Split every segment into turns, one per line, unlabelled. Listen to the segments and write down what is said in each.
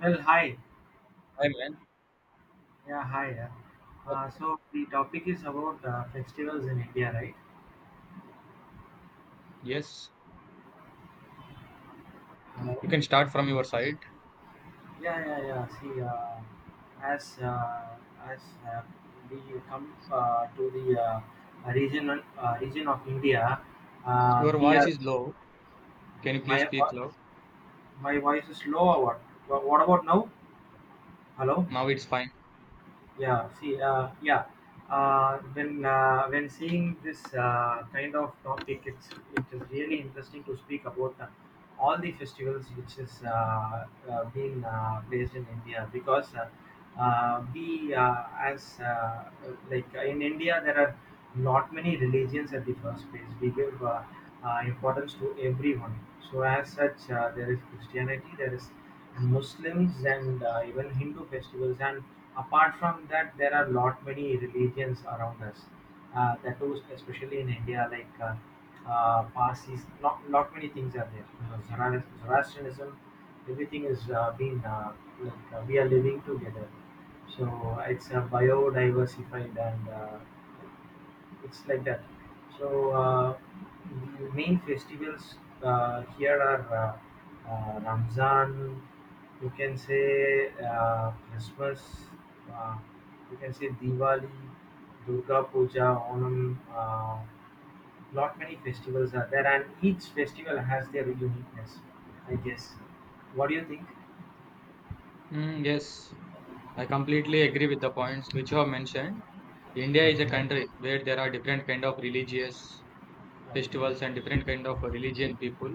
Well, hi.
Hi, man.
Yeah, hi. Yeah. So the topic is about festivals in India, right?
Yes, you
Uh,
can start from your side.
yeah, yeah, yeah. See, as uh, as uh, we come to the region of India,
Your
we
voice
are
is low. Can you please
my
speak
vo-
low?
my voice is low. Or what? What about now? Hello.
Now it's fine.
Yeah, see, yeah, when seeing this kind of topic, it is really interesting to speak about all the festivals which is being based in India, because we as like in India there are not many religions. At the first place, we give importance to everyone. So as such, there is Christianity, there is Muslims, and even Hindu festivals. And apart from that, there are lot many religions around us. That too, especially in India, like, Parsis, lot many things are there. You know, Zoroastrianism, everything is, being like we are living together. So it's a biodiversified, and it's like that. So the main festivals here are, Ramzan, you can say Christmas, uh, you can say Diwali, Durga Puja, Onam. Lot many festivals are there, and each festival has their uniqueness. I guess. What do you think?
Mm, yes, I completely agree with the points which you have mentioned. India is a
Okay.
country where there are different kind of religious festivals
Okay.
and different kind of religion people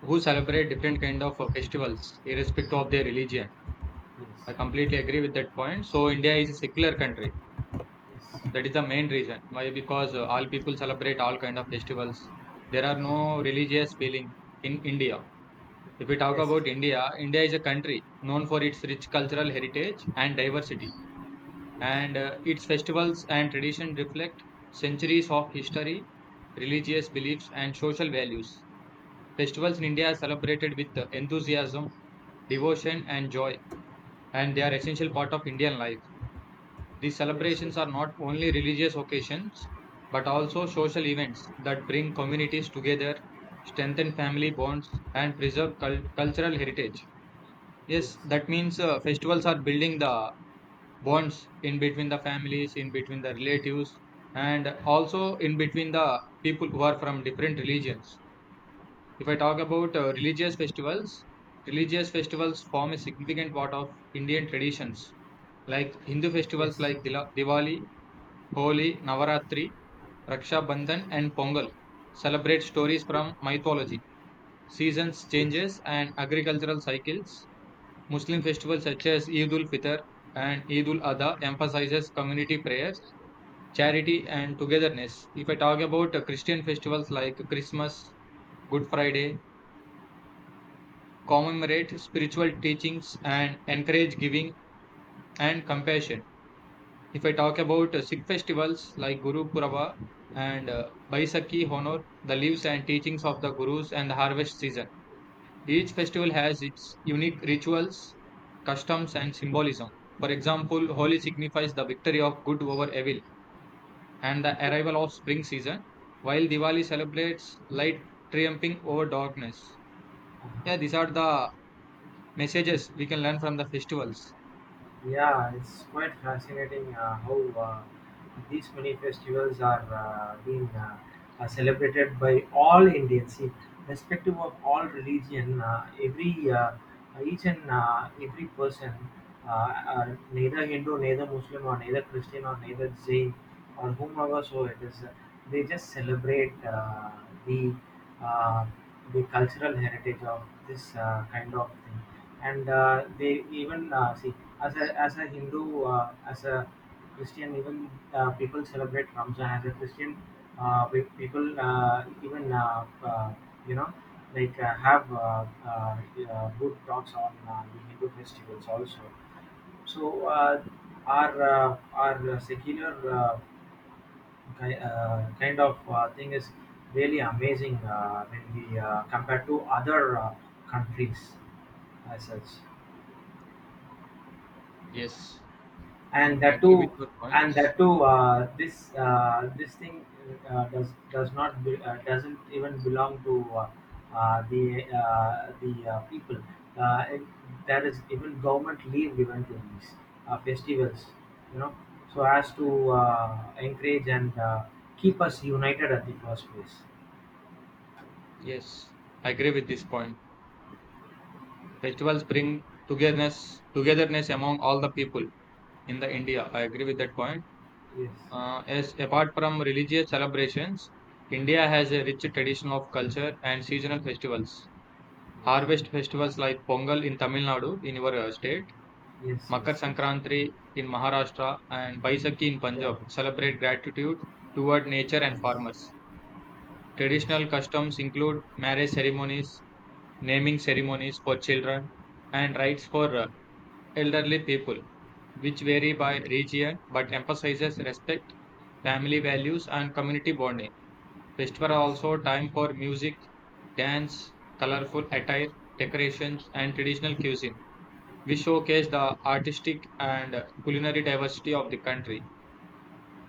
who celebrate different kind of festivals irrespective of their religion. I
Yes.
completely agree with that point. So India is a secular country.
Yes.
That is the main reason why because all people celebrate all kind of festivals. There are no
Yes.
religious feeling in India. If we talk
Yes. Yes.
about India, India is a country known for its rich cultural heritage and diversity, and its festivals and tradition reflect centuries of history, religious beliefs, and social values. Festivals in India are celebrated with enthusiasm, devotion, and joy, and they are essential part of
Yes.
Indian life. These
Yes. Yes. Yes.
celebrations are not only religious occasions but also social events that bring communities together, strengthen family bonds, and preserve cultural heritage. Yes, that
Yes.
means festivals are building the bonds in between the families, in between the relatives, and also in between the people who are from different religions. If I talk about religious festivals form a significant part of Indian traditions, like Hindu
Yes.
festivals like Diwali, Holi, Navaratri, Raksha Bandhan, and Pongal celebrate stories
Yes.
from mythology, seasons
Yes.
changes, and agricultural cycles. Muslim festivals such as Eid ul Fitr and Eid ul Adha emphasizes community prayers, charity, and togetherness. If I talk about Christian festivals like Christmas, Good Friday, commemorate spiritual teachings and encourage giving and compassion. If I talk about Sikh festivals like Guru Purab and Baisakhi honor the lives and teachings of the gurus and the harvest season. Each
Yes.
festival has its unique rituals, customs, and symbolism. For example, Holi signifies the victory of good over evil and the arrival of spring season, while Diwali celebrates light triumphing over darkness.
Uh-huh.
Yeah, these are the messages we can learn from the festivals.
Yeah, it's quite fascinating how these many festivals are being celebrated by all Indians. See, respective of all religion. Every Each and every person, neither Hindu, neither Muslim, or neither Christian, or neither Jain, or whomever so it is, they just celebrate the uh, cultural heritage of this kind of thing, and they even see as a Hindu, as a Christian. Even people celebrate Ramzan. As a Christian people even you know, have good talks on the Hindu festivals also. So our secular, kind of thing is really amazing when we compare to other countries as such.
Yes,
and
I
that
agree with
too
your point.
and that too, this thing does, not be, doesn't even belong to the people. uh, it, there is even government leave given to these festivals, you know, so as to encourage and keep us united at the first place.
Yes, I agree with this point. Festivals bring togetherness, togetherness among all the people in the India. I agree with that point.
Yes.
As apart from religious celebrations, India has a rich tradition of culture and seasonal festivals. Harvest
Yes.
festivals like Pongal in Tamil Nadu, in your state,
Yes.
Makar
Yes.
Sankranti in Maharashtra, and Baisakhi in
Yes.
Punjab
Yeah.
celebrate gratitude toward nature and
Yes.
farmers.
Yes. Yes.
Traditional customs include marriage ceremonies, naming ceremonies for children, and rites for elderly people, which vary by region but emphasizes respect, family values, and community bonding. Festivals are
Yes.
also time for music, dance, colorful attire, decorations, and traditional cuisine. We showcase the artistic and culinary diversity of the country.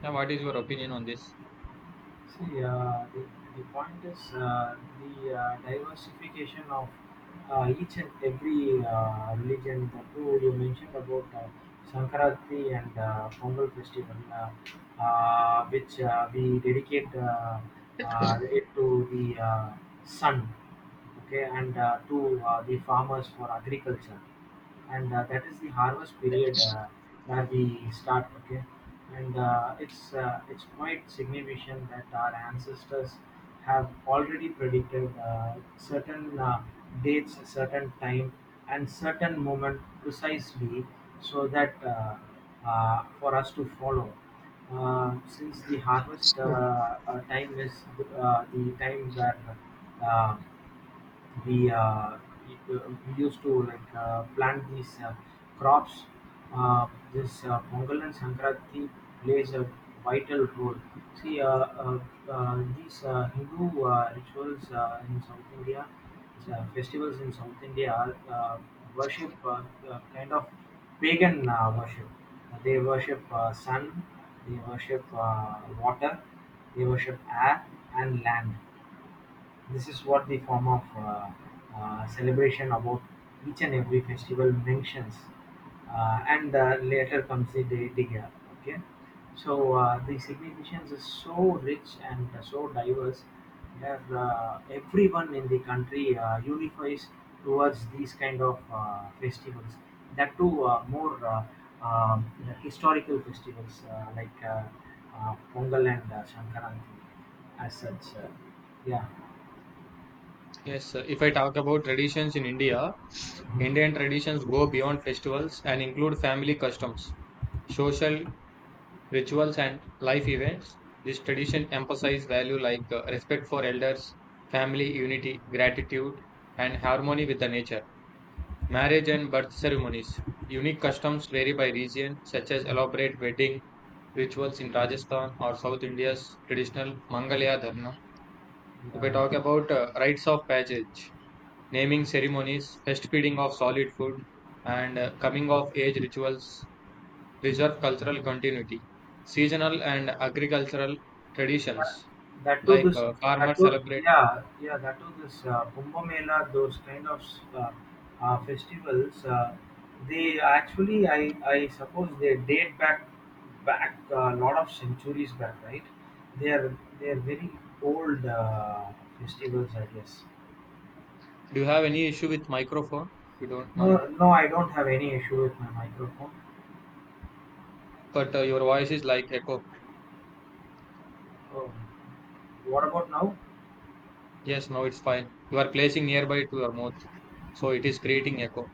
Now, what is your opinion on this?
See, the point is the diversification of each and every religion. The two you mentioned about Sankaranti and Pongal festival, which we dedicate, it to the sun, okay, and to the farmers for agriculture. And that is the harvest period, where we start. Okay. And it's quite significant that our ancestors have already predicted certain dates, certain time, and certain moment precisely, so that for us to follow, since the harvest time is the time where uh, we uh, it, uh, we used to plant these crops. Uh, this Pongal and Sankranti plays a vital role. See, these Hindu rituals in South India, festivals in South India, worship, kind of pagan worship. They worship sun, they worship water, they worship air and land. This is what the form of celebration about each and every festival mentions, and later comes the deity gap. Okay, so the significance is so rich and so diverse, that everyone in the country unifies towards these kind of festivals. That too, more um, historical festivals, Pongal and Shankaranti, as such. Yeah.
Yes, if I talk about traditions in India, Indian traditions go beyond festivals and include family customs, social rituals, and life events. This tradition emphasize value like respect for elders, family unity, gratitude, and harmony with the nature. Marriage
Okay.
and birth ceremonies. Unique customs vary by region, such as elaborate wedding rituals in Rajasthan or South India's traditional Mangalya Dharna. If I
Yeah.
talk about rites of passage, naming ceremonies, first feeding of solid food, and coming of age rituals, preserve cultural continuity. Seasonal and agricultural
That
traditions,
that too
like
this that
farmers
too.
celebrate.
Yeah, yeah, that too, this Kumbh Mela, those kind of uh, festivals, they actually, I suppose they date back a lot of centuries back, right? They are very old festivals, I guess.
Do you have any issue with microphone? You don't
No,
mind,
no, I don't have any issue with my microphone.
but your voice is like echo.
Oh, what about now?
Yes, now it's fine. You are placing nearby to your mouth, so it is creating echo.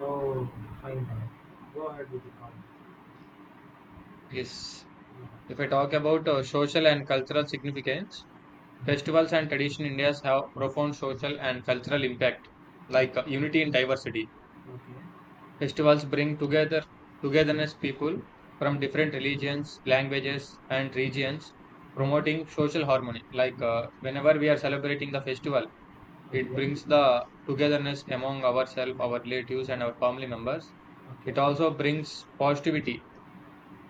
Oh, fine, fine. Go ahead with the call.
Yes. If
Yeah.
I talk about social and cultural significance,
Mhm.
festivals and tradition in India have profound social and cultural impact, like
Okay.
unity in diversity.
Okay.
Festivals bring together togetherness people from different religions, languages, and regions,
Mhm.
promoting social harmony. Like whenever we are celebrating the festival, it
Okay.
brings the togetherness among ourselves, our relatives, and our family members. It
Okay.
also brings positivity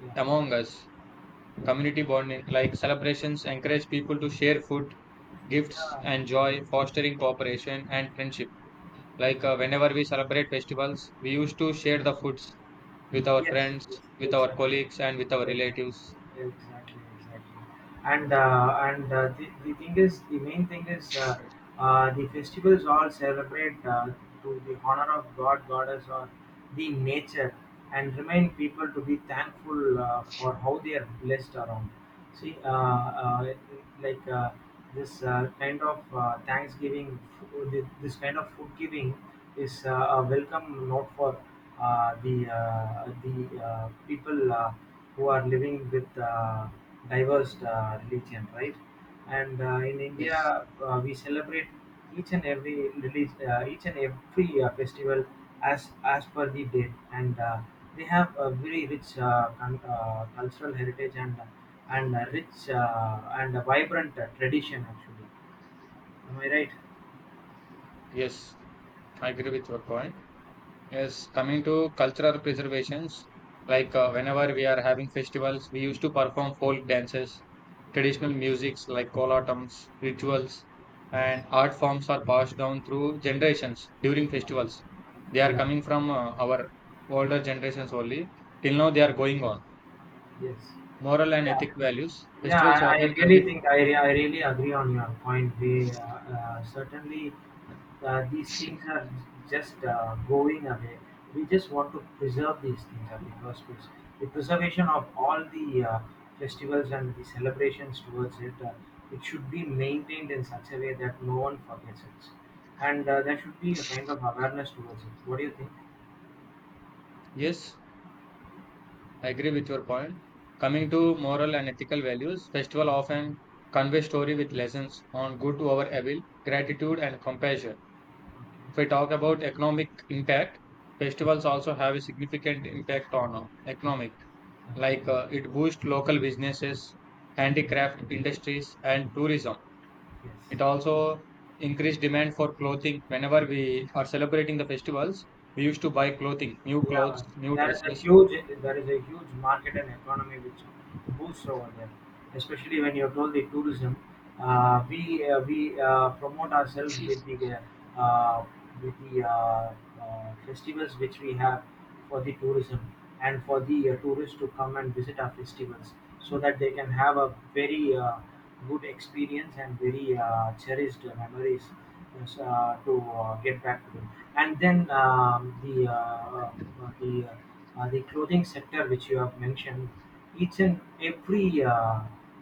Yeah.
among us.
Yeah.
Community bonding, like celebrations, encourage people to share food, gifts,
Yeah.
and joy, fostering cooperation and friendship. Like whenever we celebrate festivals, we used to share the foods with our
Yes.
friends,
Yes.
with our
Exactly.
colleagues, and with our
Exactly,
relatives.
exactly, exactly. And the thing is, the main thing is, the festivals all celebrate to the honor of God, goddess, or the nature, and remind people to be thankful for how they are blessed around. See, like uh, this kind of Thanksgiving, this kind of food giving is a welcome note for the people, who are living with diverse religion, right? And in
Yes,
India, we celebrate each and every festival as per the date, and they have a very rich cultural heritage, and a rich, and a vibrant tradition. Actually, am I right?
yes, I agree with your point. Yes, coming to cultural preservations, like whenever we are having festivals, we used to perform folk dances, traditional musics like kolatams, rituals,
Yes.
and art forms are passed down through generations during festivals. They are
Yes.
coming from our older generations only. Till now, they are going on.
Yeah. Yes.
Moral and ethic values.
Yeah,
Festivals
I
often convey.
really think, I really agree on your point. They Certainly these things are just going away. We just want to preserve these things at the first place. The preservation of all the festivals and the celebrations towards it, it should be maintained in such a way that no one forgets it, and there should be a kind of awareness towards it. What do you think?
Yes. I agree with your point. Coming
Okay.
to moral and ethical values, festival often convey story with lessons on good over evil, gratitude and compassion. If we talk about economic impact, festivals also have a significant impact on economic,
Okay.
like it boosts local businesses, handicraft industries, and tourism.
Okay. Yes.
It also increased demand for clothing. Whenever we are celebrating the festivals, we used to buy clothing, new
Yeah,
clothes, new
there is a
dresses.
huge there is a huge market and economy which boosts over there, especially when you told the tourism. We promote ourselves with the uh, uh, with the uh, festivals which we have, for the tourism, and for the tourists to come and visit our festivals, so that they can have a very good experience and very cherished memories, yes, to get back to them. And then the uh, the the clothing sector which you have mentioned, each and every uh,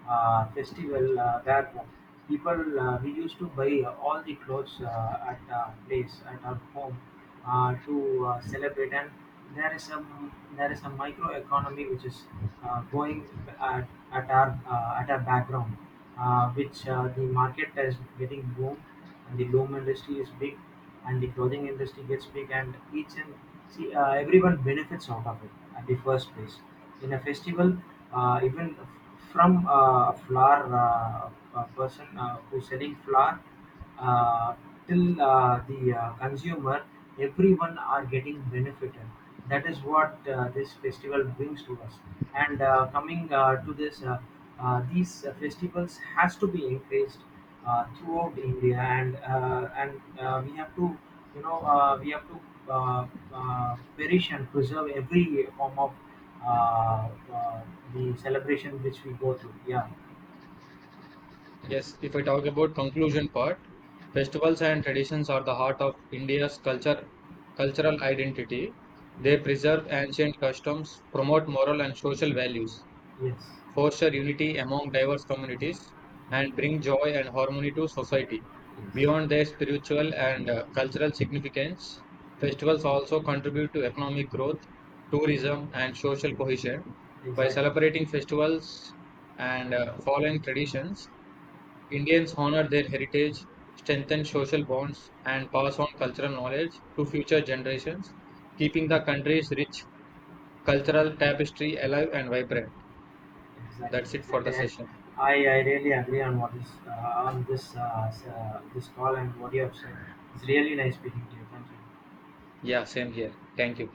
uh, festival where people we used to buy all the clothes at place at our home, to celebrate. And there is a micro economy which is going at our, at our background, which the market is getting boom, and the loom industry is big, and the clothing industry gets big, and each and, see, everyone benefits out of it at the first place. In a festival, even from a flower, a person who's selling flower uh, till the consumer, everyone are getting benefited. That is what this festival brings to us. And coming to this these festivals has to be encouraged throughout India. And we have to, you know, we have to uh, perish and preserve every form of uh, uh, the celebration which we go through. Yeah,
Yes, if I talk about conclusion part, festivals and traditions are the heart of India's culture, cultural identity.
yeah,
They preserve ancient customs, promote moral and social values,
yes,
foster unity among diverse communities, and bring joy and harmony to society.
yes,
Beyond their spiritual and cultural significance, festivals also contribute to economic growth, tourism, and social cohesion. By
exactly,
celebrating festivals and following traditions, Indians honor their heritage, strengthen social bonds, and pass on cultural knowledge to future generations, keeping the country's rich cultural tapestry alive and vibrant.
exactly,
That's it for the
exactly.
session.
I really agree on what is, on this this call and what you have said. It's really nice speaking to you. Thank you.
Yeah, same here. Thank you.